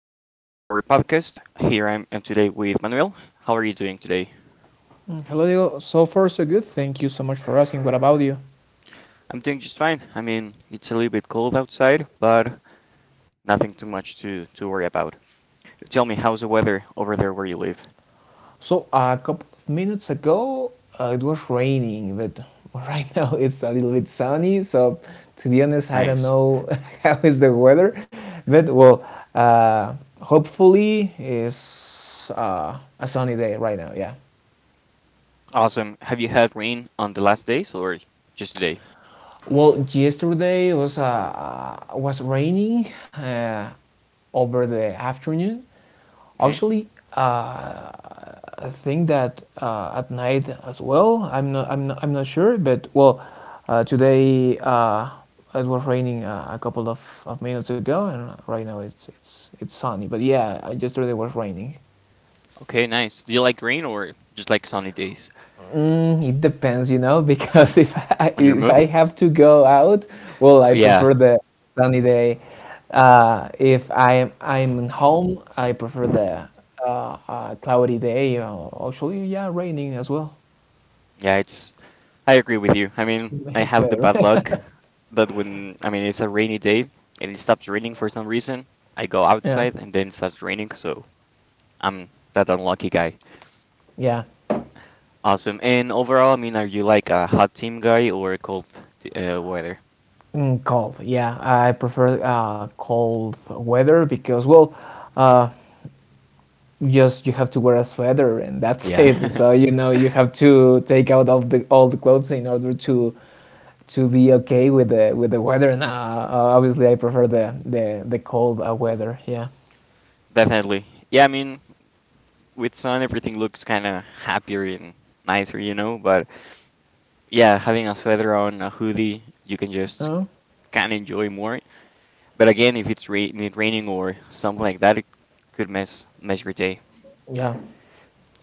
everyone to our podcast. Here I am today with Manuel. How are you doing today? Hello, Diego. So far, so good. Thank you so much for asking. What about you? I'm doing just fine. I mean, it's a little bit cold outside, but nothing too much to worry about. Tell me, how's the weather over there where you live? So a couple of minutes ago, it was raining, but right now it's a little bit sunny. So to be honest, I don't Nice. know how is the weather, but well, uh, hopefully it's a sunny day right now. Yeah. Awesome. Have you had rain on the last days or just today? Well, yesterday was raining uh, over the afternoon. Okay. Actually, I think that at night as well. I'm not sure, but well, today it was raining a couple of minutes ago, and right now it's sunny. But yeah, yesterday was raining. Okay, nice. Do you like rain or just like sunny days Mm, it depends, you know, because if I on your if move? I have to go out, well, I Yeah. prefer the sunny day. If I'm home, I prefer the cloudy day. Actually, yeah, raining as well. Yeah, it's I agree with you. I mean, I It's have the better. bad luck that when, I mean, it's a rainy day and it stops raining for some reason, I go Yeah, outside and then it starts raining, so I'm that unlucky guy. yeah. Awesome. And overall, I mean, are you like a hot team guy or a cold weather? Mm, cold. Yeah, I prefer cold weather because well, uh, just you have to wear a sweater and that's it. Yeah, So you know you have to take out of the all the clothes in order to be okay with the weather. And obviously, I prefer the cold weather. Yeah. definitely. Yeah, I mean, with sun, everything looks kind of happier and nicer, you know, but yeah, having a sweater on, a hoodie, you can just Oh. kind of enjoy more. But again, if it's rain, it raining or something like that, it could mess your day. Yeah.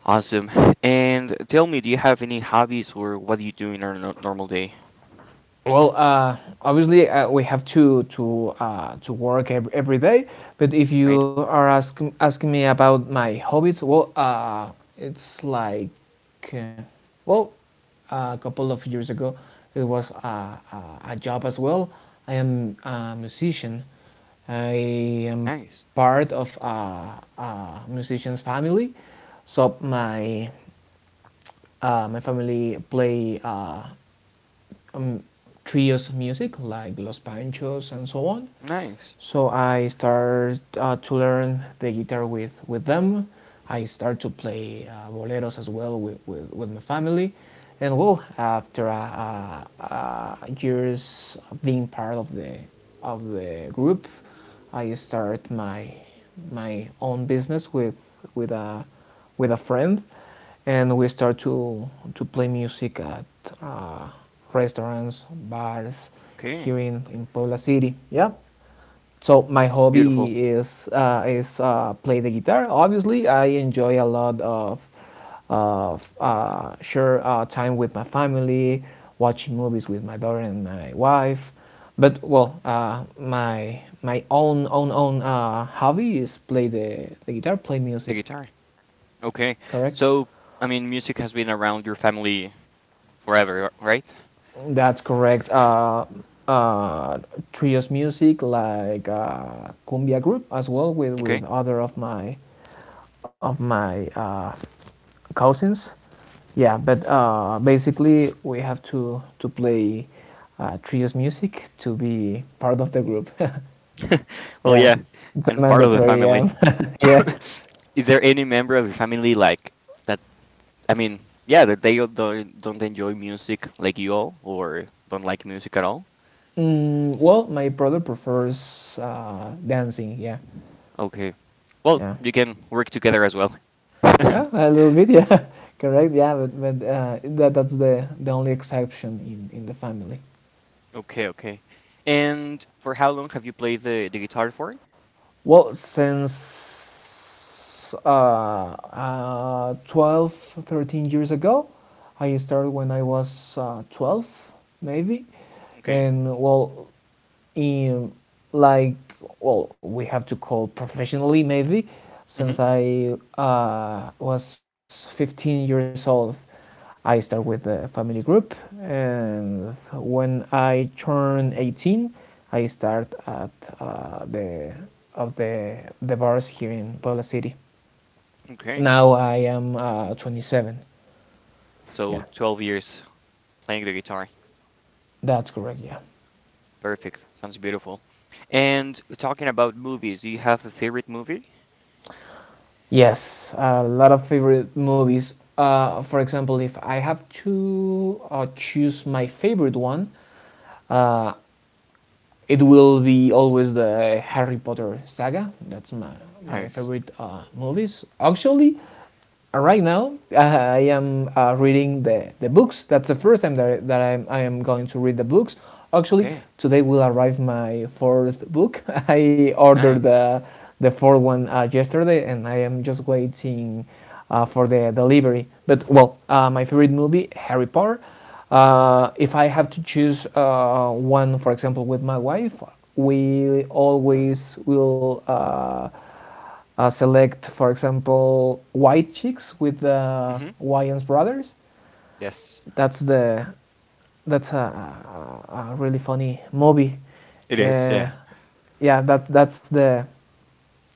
Awesome. And tell me, do you have any hobbies or what do you do in a normal day? Well, obviously we have to work every day. But if you Right? are asking me about my hobbies, well, it's like, uh, well, a couple of years ago, it was a job as well. I am a musician. I am Nice. part of a musician's family, so my family play trios music like Los Panchos and so on. Nice. So I started to learn the guitar with them. I started to play boleros as well with my family. And well, after years of being part of the group, I started my own business with a friend, and we start to play music at uh, restaurants, bars Okay. here in Puebla City. Yeah. So my Beautiful. hobby is play the guitar. Obviously, I enjoy a lot of share time with my family, watching movies with my daughter and my wife. But well, my own hobby is play the guitar, play The music. guitar. Okay. Correct. So, I mean, music has been around your family forever, right? That's correct. Uh, Trios music like cumbia group as well, with Okay. other of my cousins. Yeah, but basically we have to play trios music to be part of the group. Well, Yeah, yeah, it's a and part of the mandatory. family. Yeah, yeah. Is there any member of your family like that? I mean, yeah, that they don't enjoy music like you all, or don't like music at all. Mm, well, my brother prefers dancing. Yeah, Okay, well, yeah. you can work together as well. Yeah, a little bit, yeah, correct, yeah, but that's the only exception in the family. Okay, okay. And for how long have you played the guitar for? Well, since 12, 13 years ago. I started when I was 12, maybe. Okay. And well, in like, well, we have to call professionally, maybe, Mm-hmm. since I was 15 years old. I start with the family group, and when I turn 18, I start at the of the bars here in Puebla City. Okay. Now I am 27. So Yeah, 12 years playing the guitar. that's correct. Yeah. Perfect. Sounds beautiful. And talking about movies, do you have a favorite movie? Yes, a lot of favorite movies. For example, if I have to choose my favorite one, it will be always the Harry Potter saga. That's my Nice. favorite movies. Actually, right now I am reading the books. That's the first time that, I am going to read the books. Actually, Okay. today will arrive my fourth book. I ordered Nice. the fourth one yesterday, and I am just waiting for the delivery. But well, my favorite movie, Harry Potter. If I have to choose one, for example, with my wife, we always will select, for example, White Chicks with the Mm-hmm. Wayans brothers. Yes, That's the that's a really funny movie. it is. Uh, Yeah. yeah, that that's the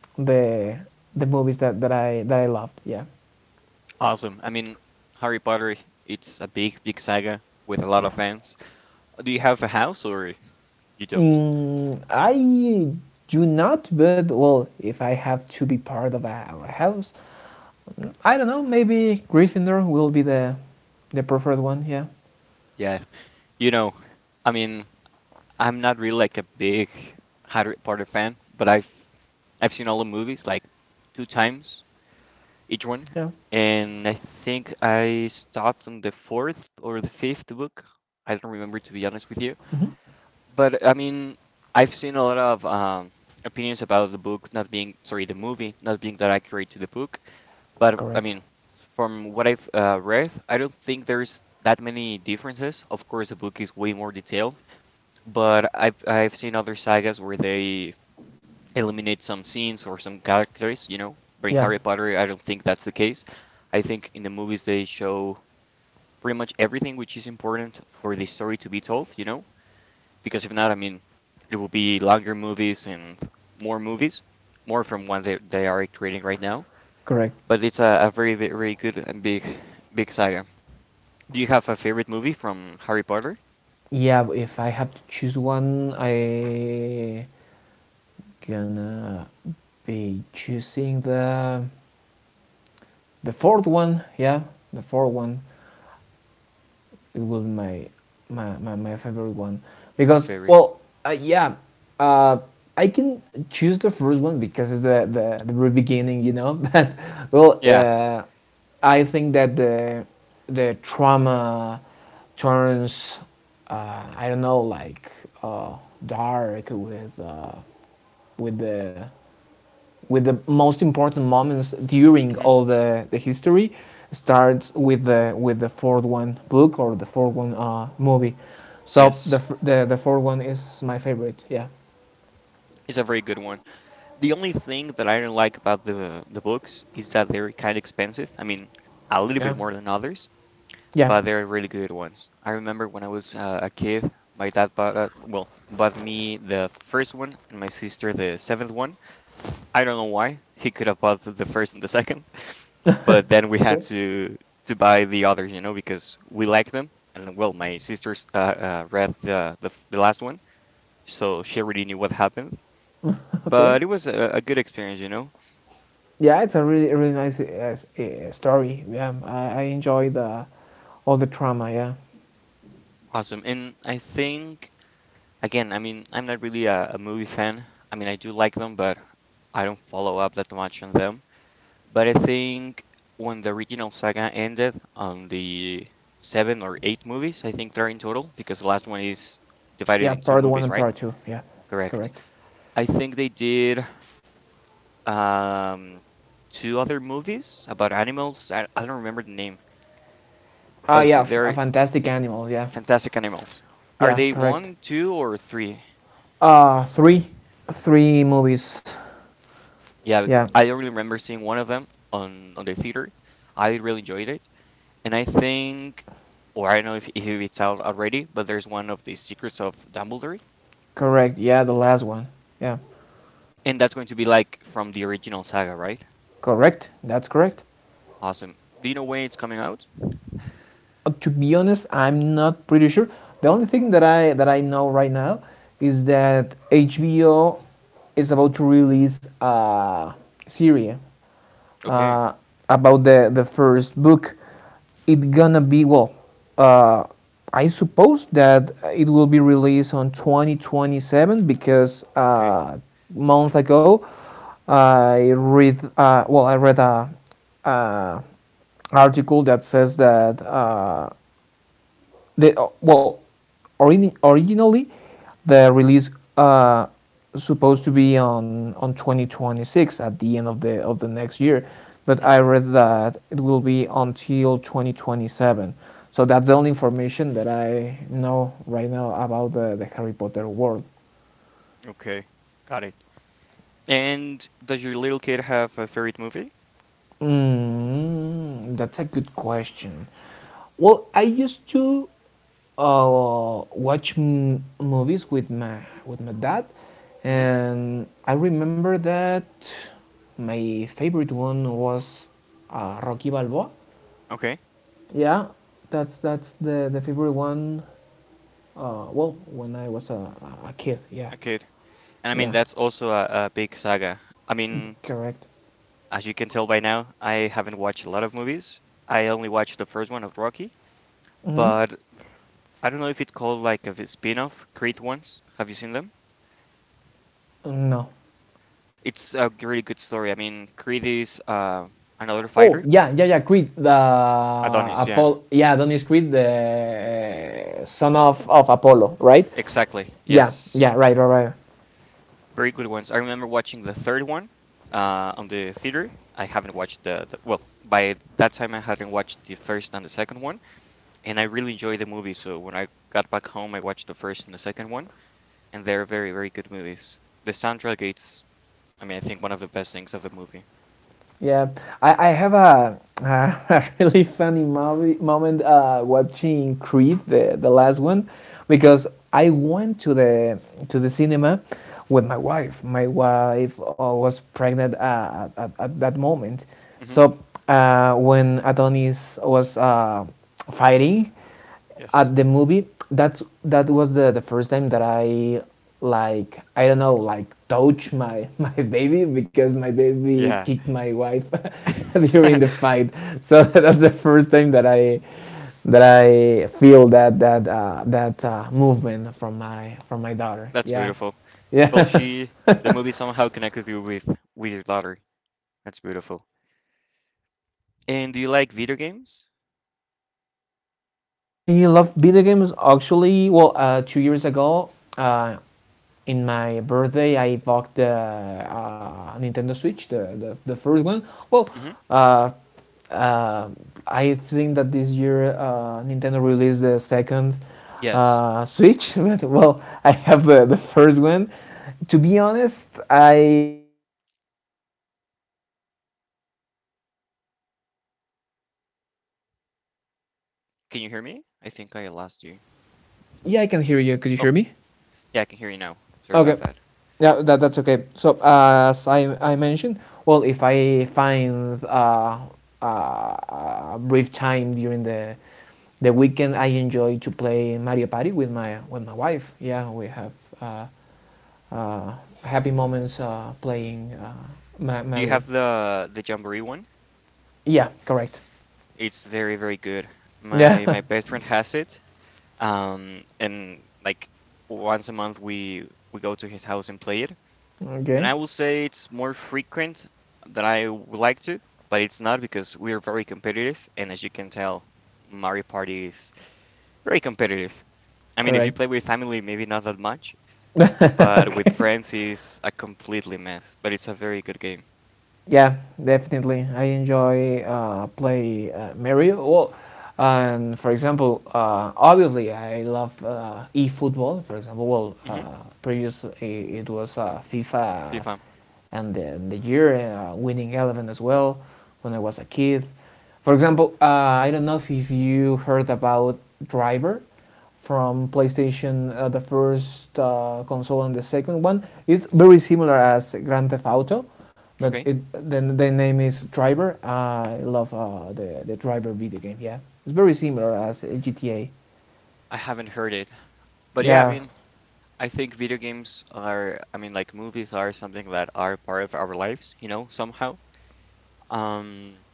the the movies that, that I loved. Yeah, Awesome. I mean, Harry Potter, it's a big, big saga with a lot of yeah. fans. Do you have a house or you don't? Mm, I do not, but well, if I have to be part of a house, I don't know. Maybe Gryffindor will be the preferred one. Yeah, Yeah. You know, I mean, I'm not really like a big Harry Potter fan, but I've seen all the movies like two times each one, yeah, and I think I stopped on the fourth or the fifth book. I don't remember to be honest with you. But I mean, I've seen a lot of opinions about the book not being, sorry, the movie not being that accurate to the book. But I correct. mean, from what I've read, I don't think there's that many differences. Of course, the book is way more detailed, but I've seen other sagas where they eliminate some scenes or some characters. You know, but in Yeah, Harry Potter, I don't think that's the case. I think in the movies they show pretty much everything which is important for the story to be told. You know, because if not, I mean, it will be longer movies and more movies, more from what they are creating right now. correct. But it's a very, very good and big, big saga. Do you have a favorite movie from Harry Potter? Yeah, if I have to choose one, I gonna be choosing the fourth one. Yeah, the fourth one, it will be my favorite one Your because favorite? well, yeah, uh, I can choose the first one because it's the very beginning, you know. But well, Yeah. I think that the trauma turns, I don't know, like uh, dark with with the with the most important moments during hmm all the history starts with the fourth one book, or the fourth one movie. So Yes, the fourth one is my favorite. Yeah, it's a very good one. The only thing that I don't like about the books is that they're kind of expensive. I mean, a little yeah, bit more than others. yeah. But they're really good ones. I remember when I was a kid, my dad bought well bought me the first one and my sister the seventh one. I don't know why he could have bought the first and the second, but then we Okay. had to buy the others, you know, because we liked them. And well, my sister's read the, the last one, so she already knew what happened. But it Okay. was a good experience, you know. Yeah, it's a really really nice story. Yeah, I enjoy the all the trauma. Yeah. Awesome, and I think. Again, I mean, I'm not really a movie fan. I mean, I do like them, but I don't follow up that much on them. But I think when the original saga ended on the seven or eight movies, I think they're in total, because the last one is divided Yeah, in two part one movies, and right? part two. Yeah, Correct. correct. I think they did um, two other movies about animals. I don't remember the name, Ah, but yeah f- a they're fantastic animal. Yeah. fantastic animals. Are Yeah, they correct. one, two, or three? Three, three movies. Yeah, Yeah. I really remember seeing one of them on the theater. I really enjoyed it, and I think, or I don't know if it's out already, but there's one of the Secrets of Dumbledore, Correct. Yeah, the last one. Yeah. and that's going to be like from the original saga, right? Correct. That's correct. Awesome. Do you know when it's coming out? To be honest, I'm not pretty sure. The only thing that I know right now is that HBO is about to release a Syria Okay, uh, about the first book. It gonna be well. Uh, I suppose that it will be released on 2027, because okay, month ago I read, well, I read a article that says that the well, originally, the release uh, supposed to be on 2026, at the end of the next year, but hmm I read that it will be until 2027. So that's the only information that I know right now about the Harry Potter world. okay, got it. And does your little kid have a favorite movie? Mm, that's a good question. Well, I used to watch movies with my dad, hmm and I remember that my favorite one was Rocky Balboa. Okay, Yeah, that's the favorite one. Well, when I was a kid. Yeah, a kid. And I mean yeah, that's also a big saga. I mean. correct. As you can tell by now, I haven't watched a lot of movies. I only watched the first one of Rocky, Hmm. but I don't know if it's called like a spin off, Creed ones. Have you seen them? No. It's a really good story. I mean, Creed is another Oh, fighter. yeah, yeah, yeah. Creed, the Adonis, yeah. Apollo. Yeah, Adonis Creed, the son of Apollo, right? Exactly, Yeah, yes. yeah, right, right, right. Very good ones. I remember watching the third one on the theater. I haven't watched the, well, by that time I hadn't watched the first and the second one, and I really enjoyed the movie. So when I got back home, I watched the first and the second one. And they're very, very good movies. The soundtrack it's, I mean, I think one of the best things of the movie. Yeah, I have a really funny movie moment watching Creed, the last one, hmm because I went to the cinema with my wife. My wife was pregnant at that moment, hmm so when Adonis was fighting Yes. at the movie, that was the the first time that I, like, I don't know, like, touch my my baby, because my baby Yeah. kicked my wife during the fight. So that's the first time that I feel that, that movement from my daughter. That's Yeah. beautiful. Yeah, Well, she, the movie somehow connected you with your daughter. That's correct, beautiful. yeah. And do Yeah, you like video games? yes, I love video games. Actually, well, 2 years ago, uh, in my birthday, I bought the Nintendo Switch, the first one. Well, hmm uh, uh, I think that this year Nintendo released the second Yes. Switch, but well, I have the first one. To be honest, I have no enough time to play. But for example, if I have a little space during the Can weekend, you hear I me? I enjoy. think I lost you. Yeah, I can hear you. Could you hear Oh, me? yeah, I can hear you now. Sorry about Okay. that. Yeah, that's okay. So as I mentioned, well, if I find a brief time during the weekend, I enjoy to play Mario Party with my wife. Yeah, we have uh, uh, happy moments playing Do you Mario. have the Jamboree one? Yeah, correct. It's very, very good. My Yeah. my best friend has it, and like once a month we go to his house and play it. And Okay. I will say it's more frequent than I would like to, but it's not because we are very competitive, and as you can tell, Mario Party is very competitive. I mean, if you Correct. play with family, maybe not that much, but with Okay. friends is a completely mess. But it's a very good game. Yeah, definitely. I enjoy play Mario. Well, and for example, obviously I love e-football. For example, well, hmm it was FIFA, FIFA. and the year Winning Eleven as well, when I was a kid. For example, I don't know if you heard about Driver from PlayStation, the first console and the second one. It's very similar hmm as Grand Theft Auto, but Okay, it then the name is Driver. I love the Driver video game. Yeah, it's very similar as GTA. I haven't heard it, but yeah, I Yeah. mean, I think video games are, I mean, like movies are something that are part of our lives, you know, somehow. Um,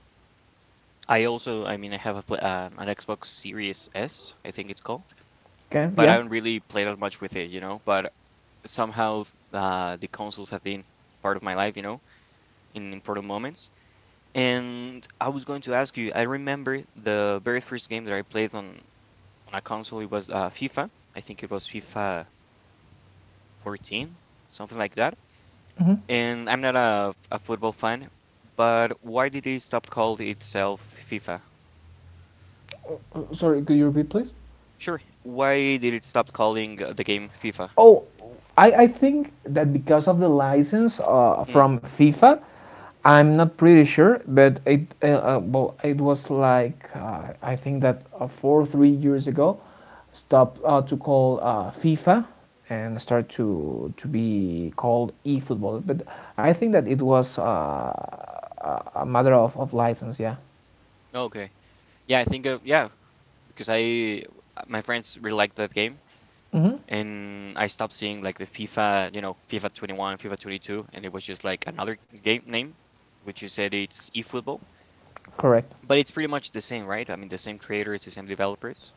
I also, I mean, I have a pla an Xbox Series S, I think it's called, Okay. but I Yeah. don't really play that much with it, you know. But somehow, the consoles have been part of my life, you know, in important moments. And I was going to ask you, I remember the very first game that I played on a console. It was FIFA. I think it was FIFA 14, something like that. And I'm not a football fan, but why did it stop call itself FIFA? Sorry, could you repeat, please? Sure. Why did it stop calling the game FIFA? Oh, I think that because of the license Mm, from FIFA, I'm not pretty sure, but it well, it was like I think that 4 or 3 years ago, stopped to call FIFA and start to be called eFootball. But I think that it was a matter of license. Yeah, okay. Yeah, I think yeah, because I my friends really liked that game, and I stopped seeing like the FIFA, you know, FIFA 21, FIFA 22, and it was just like another game name, which you said it's eFootball, correct. but it's pretty much the same, right? I mean, the same creators, the same developers.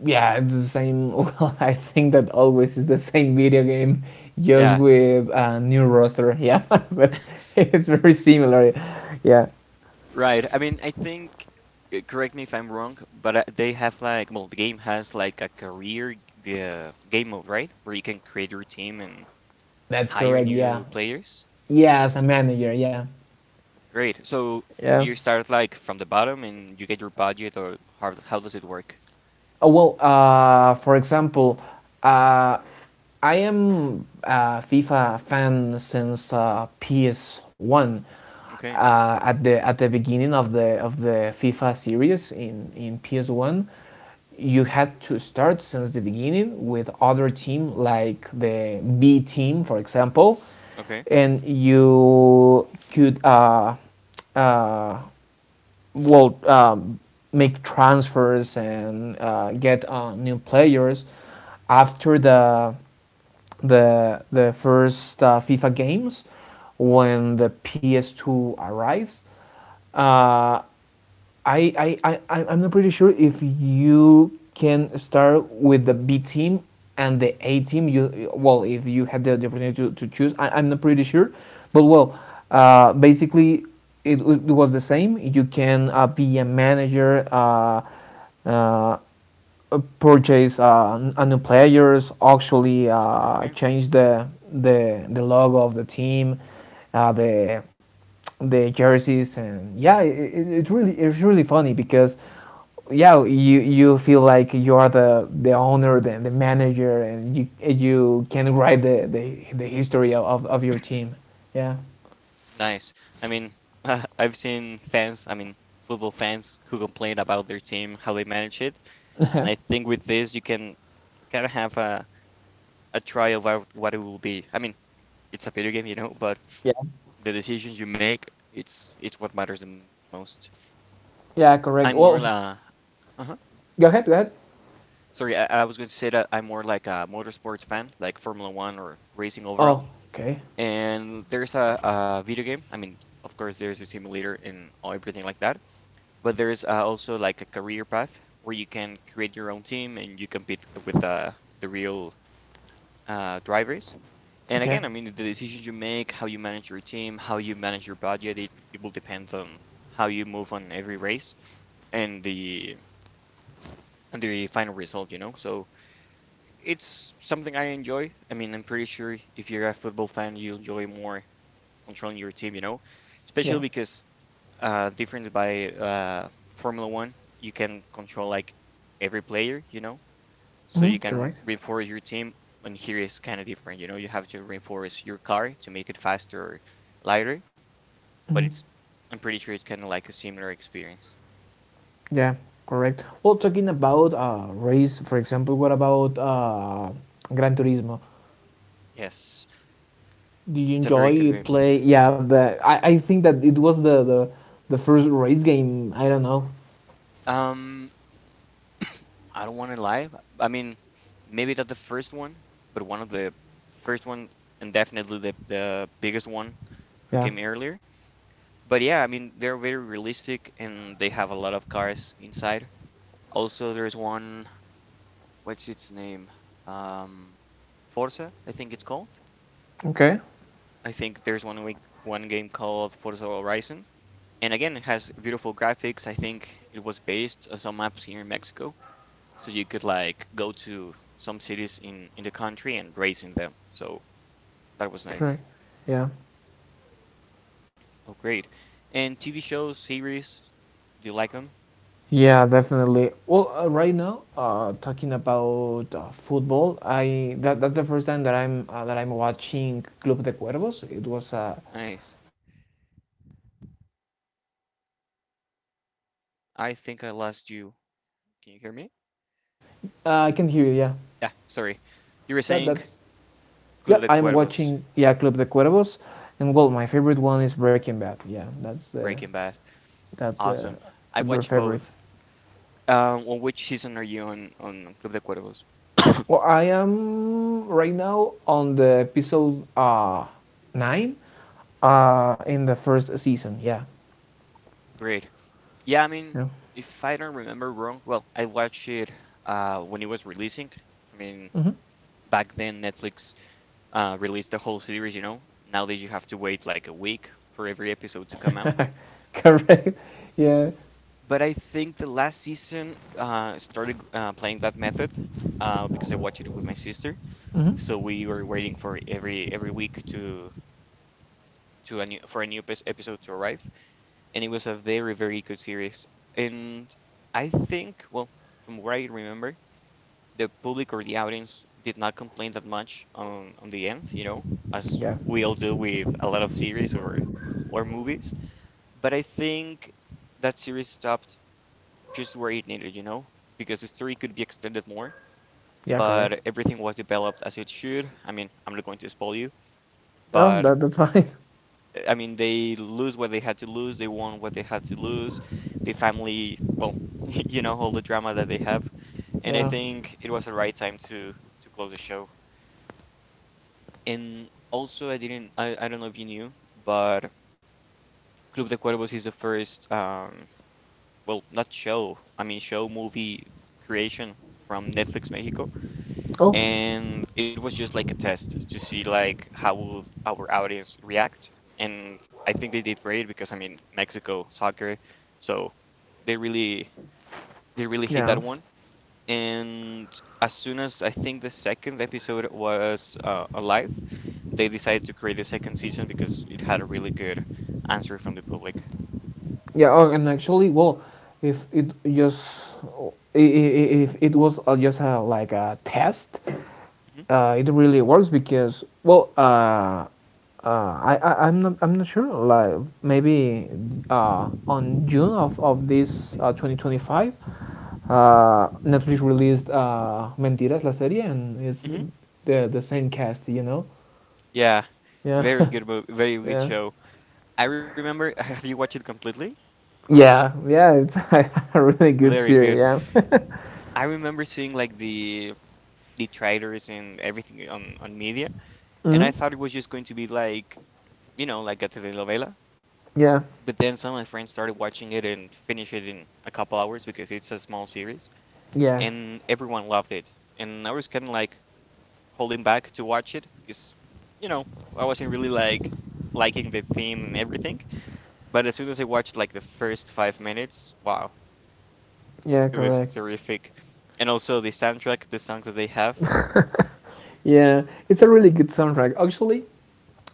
Yeah, it's the same. Well, I think that always is the same video game, just Yeah, with a new roster. Yeah, but it's very similar. Yeah, right. I mean, I think correct me if I'm wrong, but they have like, well, the game has like a career game mode, right? Where you can create your team and that's hire correct. new Yeah, players. yeah, as a manager. Yeah, Great. So yeah. do you start like from the bottom and you get your budget, or how does it work? Oh, well, for example, uh, I am a FIFA fan since PS1. Okay. At the beginning of the FIFA series in PS1, you had to start since the beginning with other team like the B team, for example, Okay. and you could uh, will make transfers and get new players after the the first FIFA games when the PS2 arrives. Uh, I am not pretty sure if you can start with the B team and the hmm A team. You well, if you had the opportunity to choose, I'm not pretty sure, but well, basically it, it was the same. You can be a manager, uh, purchase a new players, actually Okay. change the the logo of the team, the the jerseys. And yeah it's really funny because yeah, you feel like you are the the manager and you can write the history of your team. Yeah. Nice. I mean, I've seen fans, I mean, football fans who complain about their team, how they manage it. And I think with this, you can kind of have a trial what it will be. I mean, it's a video game, you know, but Yeah. the decisions you make, it's what matters the most. I'm yeah more correct well f- uh-huh. Go ahead, go ahead. Sorry, I was going to say that I'm more like a motorsports fan, like Formula One or racing Oh, overall. okay. And there's a video game. I mean, of course, there's a simulator and everything like that. But there's also like a career path where you can create your own team and you compete with the real drivers. And Okay. again, I mean, the decisions you make, how you manage your team, how you manage your budget, it will depend on how you move on every race and the and the final result, you know. So it's something I enjoy. I mean, I'm pretty sure if you're a football fan, you enjoy more controlling your team, Yeah. especially because different by Formula One, you can control like every player, so Hmm, you can correct. reinforce your team. And here is kind of different. You have to reinforce your car to make it faster or lighter, but Hmm. it's I'm pretty sure it's kind of like a similar experience. Yeah, correct. Well, talking about race, for example, what about Gran Turismo? Yes, Do you it's a very good enjoy game. play? Yeah, the I think that it was the first race game. I don't know. Um, I don't want to lie. I mean, maybe not the first one, but one of the first ones, and definitely the biggest one, who Yeah. came earlier. But yeah, I mean, they're very realistic and they have a lot of cars inside. Also, there's one, what's its name? Um, Forza, I think it's called. Okay. I think there's one game called Forza Horizon, and again, it has beautiful graphics. I think it was based on some maps here in Mexico, so you could like go to some cities in the country and race in them. So that was nice. Correct. Yeah. Oh, great. And TV shows, series, do you like them? Yeah, definitely. Well, right now, talking about football, that's the first time that I'm watching Club de Cuervos. It was Nice. a really famous series here in Mexico, and that's the first time that I'm watching it. So I uh, think I that lost that's you. Can you hear me? yeah, I can hear you. Yeah, Yeah, sorry. You were that saying that's yeah, Club de I'm Cuervos, watching, yeah, Club de Cuervos, and well, my favorite one is Breaking Bad. Yeah, that's the Breaking Bad. that's the Awesome. the I've very watched favorite. both. Well, which season are you on Club de Cuervos? Well, I am right now on the episode nine, in the first season. Yeah, Great. Yeah, I mean, yeah. if I don't remember wrong, well, I watched it when it was releasing. I mean, Hmm. back then Netflix released the whole series. Nowadays you have to wait like a week for every episode to come out. Correct. Yeah. But I think the last season started playing that method because I watched it with my sister. Hmm. So we were waiting for every week to a new for a new epis- episode to arrive, and it was a very very good series. And I think, well, from what I remember, the public or the audience did not complain that much on the end, as Yeah, we all do with a lot of series or movies. But I think that series stopped just where it needed, because the story could be extended more, yeah. Correct. but everything was developed as it should. I mean, I'm not going to spoil you, Oh, but that that's fine. I mean, they lose what they had to lose, they won what they had to lose. The family, well, all the drama that they have. And I Yeah. think it was the right time to close the show. And also, I didn't, I don't know if you knew, but Club de Cuervos is the first, well, not show, I mean, show movie creation from Netflix Mexico. Oh, And it was just like a test to see like how will our audience react. And I think they did great because I mean Mexico soccer, so they really they really hit yeah. that one. And as soon as I think the second episode was alive, they decided to create a second season because it had a really good answer from the public. Yeah, oh, and actually, well, if it just if it was just a, like a test, Hmm, it really works because well, I I'm not sure. Like maybe on June of this 2025, Netflix released Mentiras la serie, and it's hmm, the same cast, you know. yeah, Yeah, very good, very good yeah, show. I remember. Have you watched it completely? yeah, yeah. It's a really good Very series. good. Yeah. I remember seeing like the detractors and everything on media, and I Mhm. thought it was just going to be like a telenovela. Yeah, But then some of my friends started watching it and finished it in a couple hours because it's a small series, yeah, and everyone loved it. And I was kind of like holding back to watch it because you know I wasn't really like liking the theme and everything. But as soon as I watched like the first 5 minutes, wow, yeah, it was correct. terrific. And also the soundtrack, the songs that they have. Yeah, it's a really good soundtrack. Actually,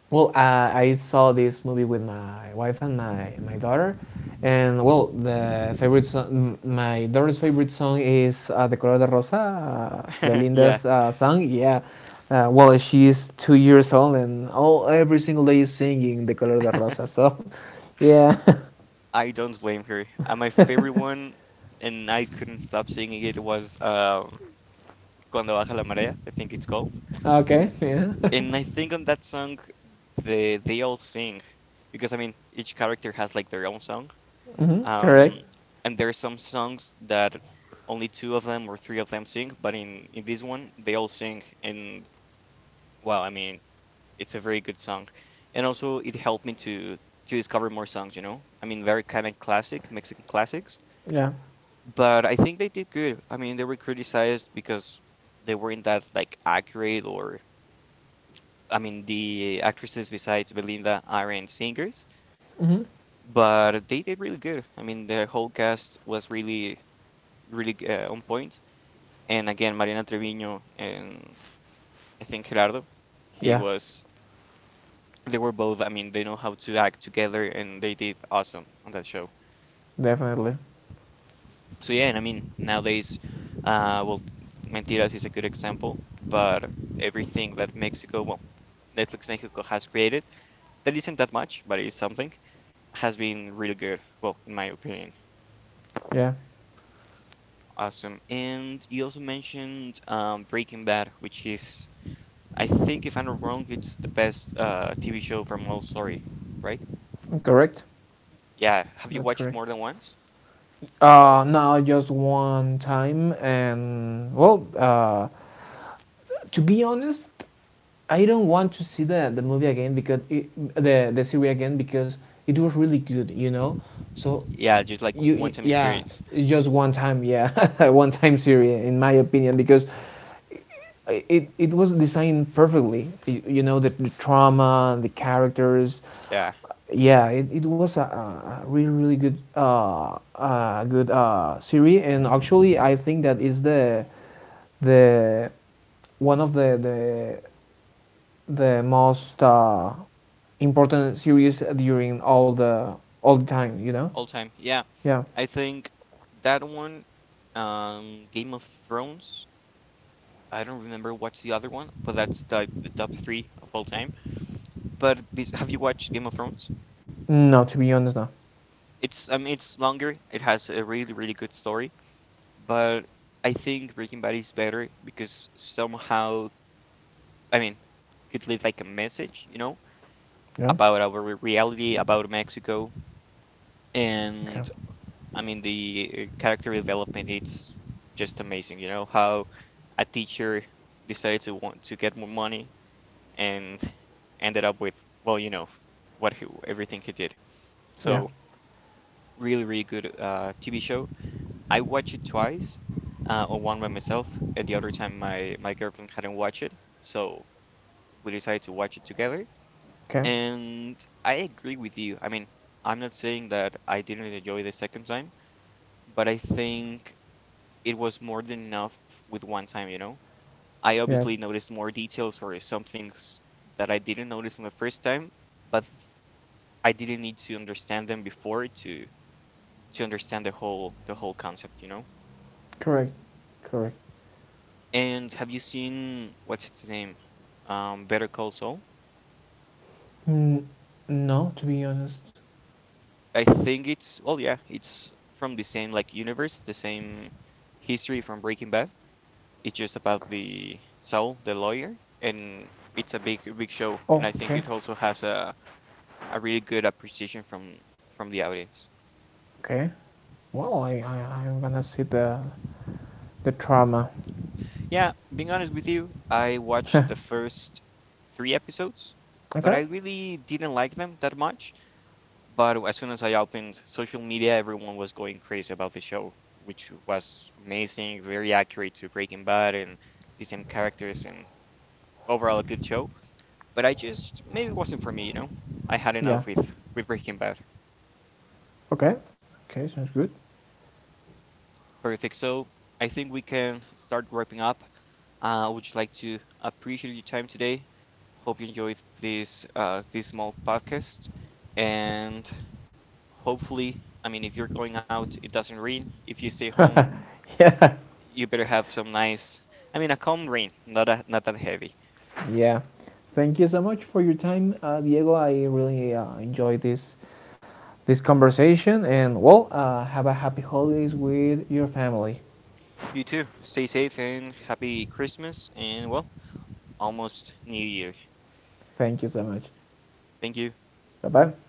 well, I saw this movie with my wife and my daughter, and well, the favorite song, my daughter's favorite song is "De Color de Rosa," yeah. Belinda's song. Yeah, well, she is 2 years old, and all every single day is singing "De Color de Rosa." So, yeah, I don't blame her. And my favorite one, and I couldn't stop singing it, was Cuando Baja la Marea, I think it's called. okay, yeah, And I think on that song, they all sing, because I mean, each character has like their own song. hmm, correct, Um, and there are some songs that only two of them or three of them sing, but in this one, they all sing. And wow, I mean, it's a very good song. And also, it helped me to discover more songs, you know? I mean, very kind of classic, Mexican classics. yeah, But I think they did good. I mean, they were criticized because they weren't that like accurate or I mean, the actresses besides Belinda aren't singers, hmm, but they did really good. I mean, the whole cast was really, really on point. And again, Mariana Treviño and I think Gerardo, he yeah, was, they were both, I mean, they know how to act together and they did awesome on that show. definitely, So yeah, and I mean nowadays, well, Mentiras is a good example, but everything that Mexico, well, Netflix Mexico has created, that isn't that much, but it is something, has been really good. Well, in my opinion, yeah, awesome. And you also mentioned Breaking Bad, which is, I think, if I'm not wrong, it's the best TV show from all story, right? correct. Yeah. Have you That's watched it correct. more than once? Now just one time, and well, to be honest, I don't want to see the movie again because the the series again because it was really good, you know. So, Yeah, just like you one-time yeah, experience. it's just one time, yeah, one time series in my opinion because it it was designed perfectly. You know the trauma, the characters. Yeah. Yeah, it was a really really good good series, and actually I think that is the one of the the the most important series during all the time. You know? All time. Yeah. Yeah. I think that one, Game of Thrones. I don't remember what's the other one, but that's the top three of all time. But have you watched Game of Thrones? No, to be honest, no. It's I mean it's longer. It has a really really good story, but I think Breaking Bad is better because somehow I mean could leave like a message, you know, Yeah. about our reality, about Mexico, Okay. and I mean, the character development, it's just amazing, how a teacher decided to want to get more money and ended up with, well, everything he did. Yeah. So really, really good TV show. I watched it twice, or one by myself, and the other time my girlfriend hadn't watched it, so we decided to watch it together. Okay. And I agree with you. I mean, I'm not saying that I didn't enjoy the second time, but I think it was more than enough with one time, you know? I Yeah. obviously noticed more details or some things that I didn't notice on the first time, but I didn't need to understand them before to understand the whole concept, you know? Correct. Correct. And have you seen what's its name? Better Call Saul? Mm, no, to be honest. I think it's well, yeah, it's from the same like universe, the same history from Breaking Bad. It's just about the Saul, the lawyer, and it's a big big show, and Oh, I think okay. it also has a really good appreciation from the audience. Okay. Well, I I'm gonna see the trauma. Yeah, being honest with you, I watched the first three episodes, but Okay. I really didn't like them that much. But as soon as I opened social media, everyone was going crazy about the show, which was amazing, very accurate to Breaking Bad and the same characters, and overall a good show. But I just maybe it wasn't for me. I had Yeah. enough with Breaking Bad. Okay. Okay. Sounds good. Perfect. So I think we can start wrapping up. I would just like to appreciate your time today. Hope you enjoyed this small podcast, and hopefully, I mean, if you're going out, it doesn't rain. If you stay home, Yeah. you better have some nice, I mean, a calm rain, not that heavy. Yeah. Thank you so much for your time, Diego. I really enjoyed this this conversation. And well, have a happy holidays with your family. You too. Stay safe and happy Christmas, and well, almost New Year. Thank you so much. Thank you. Bye bye.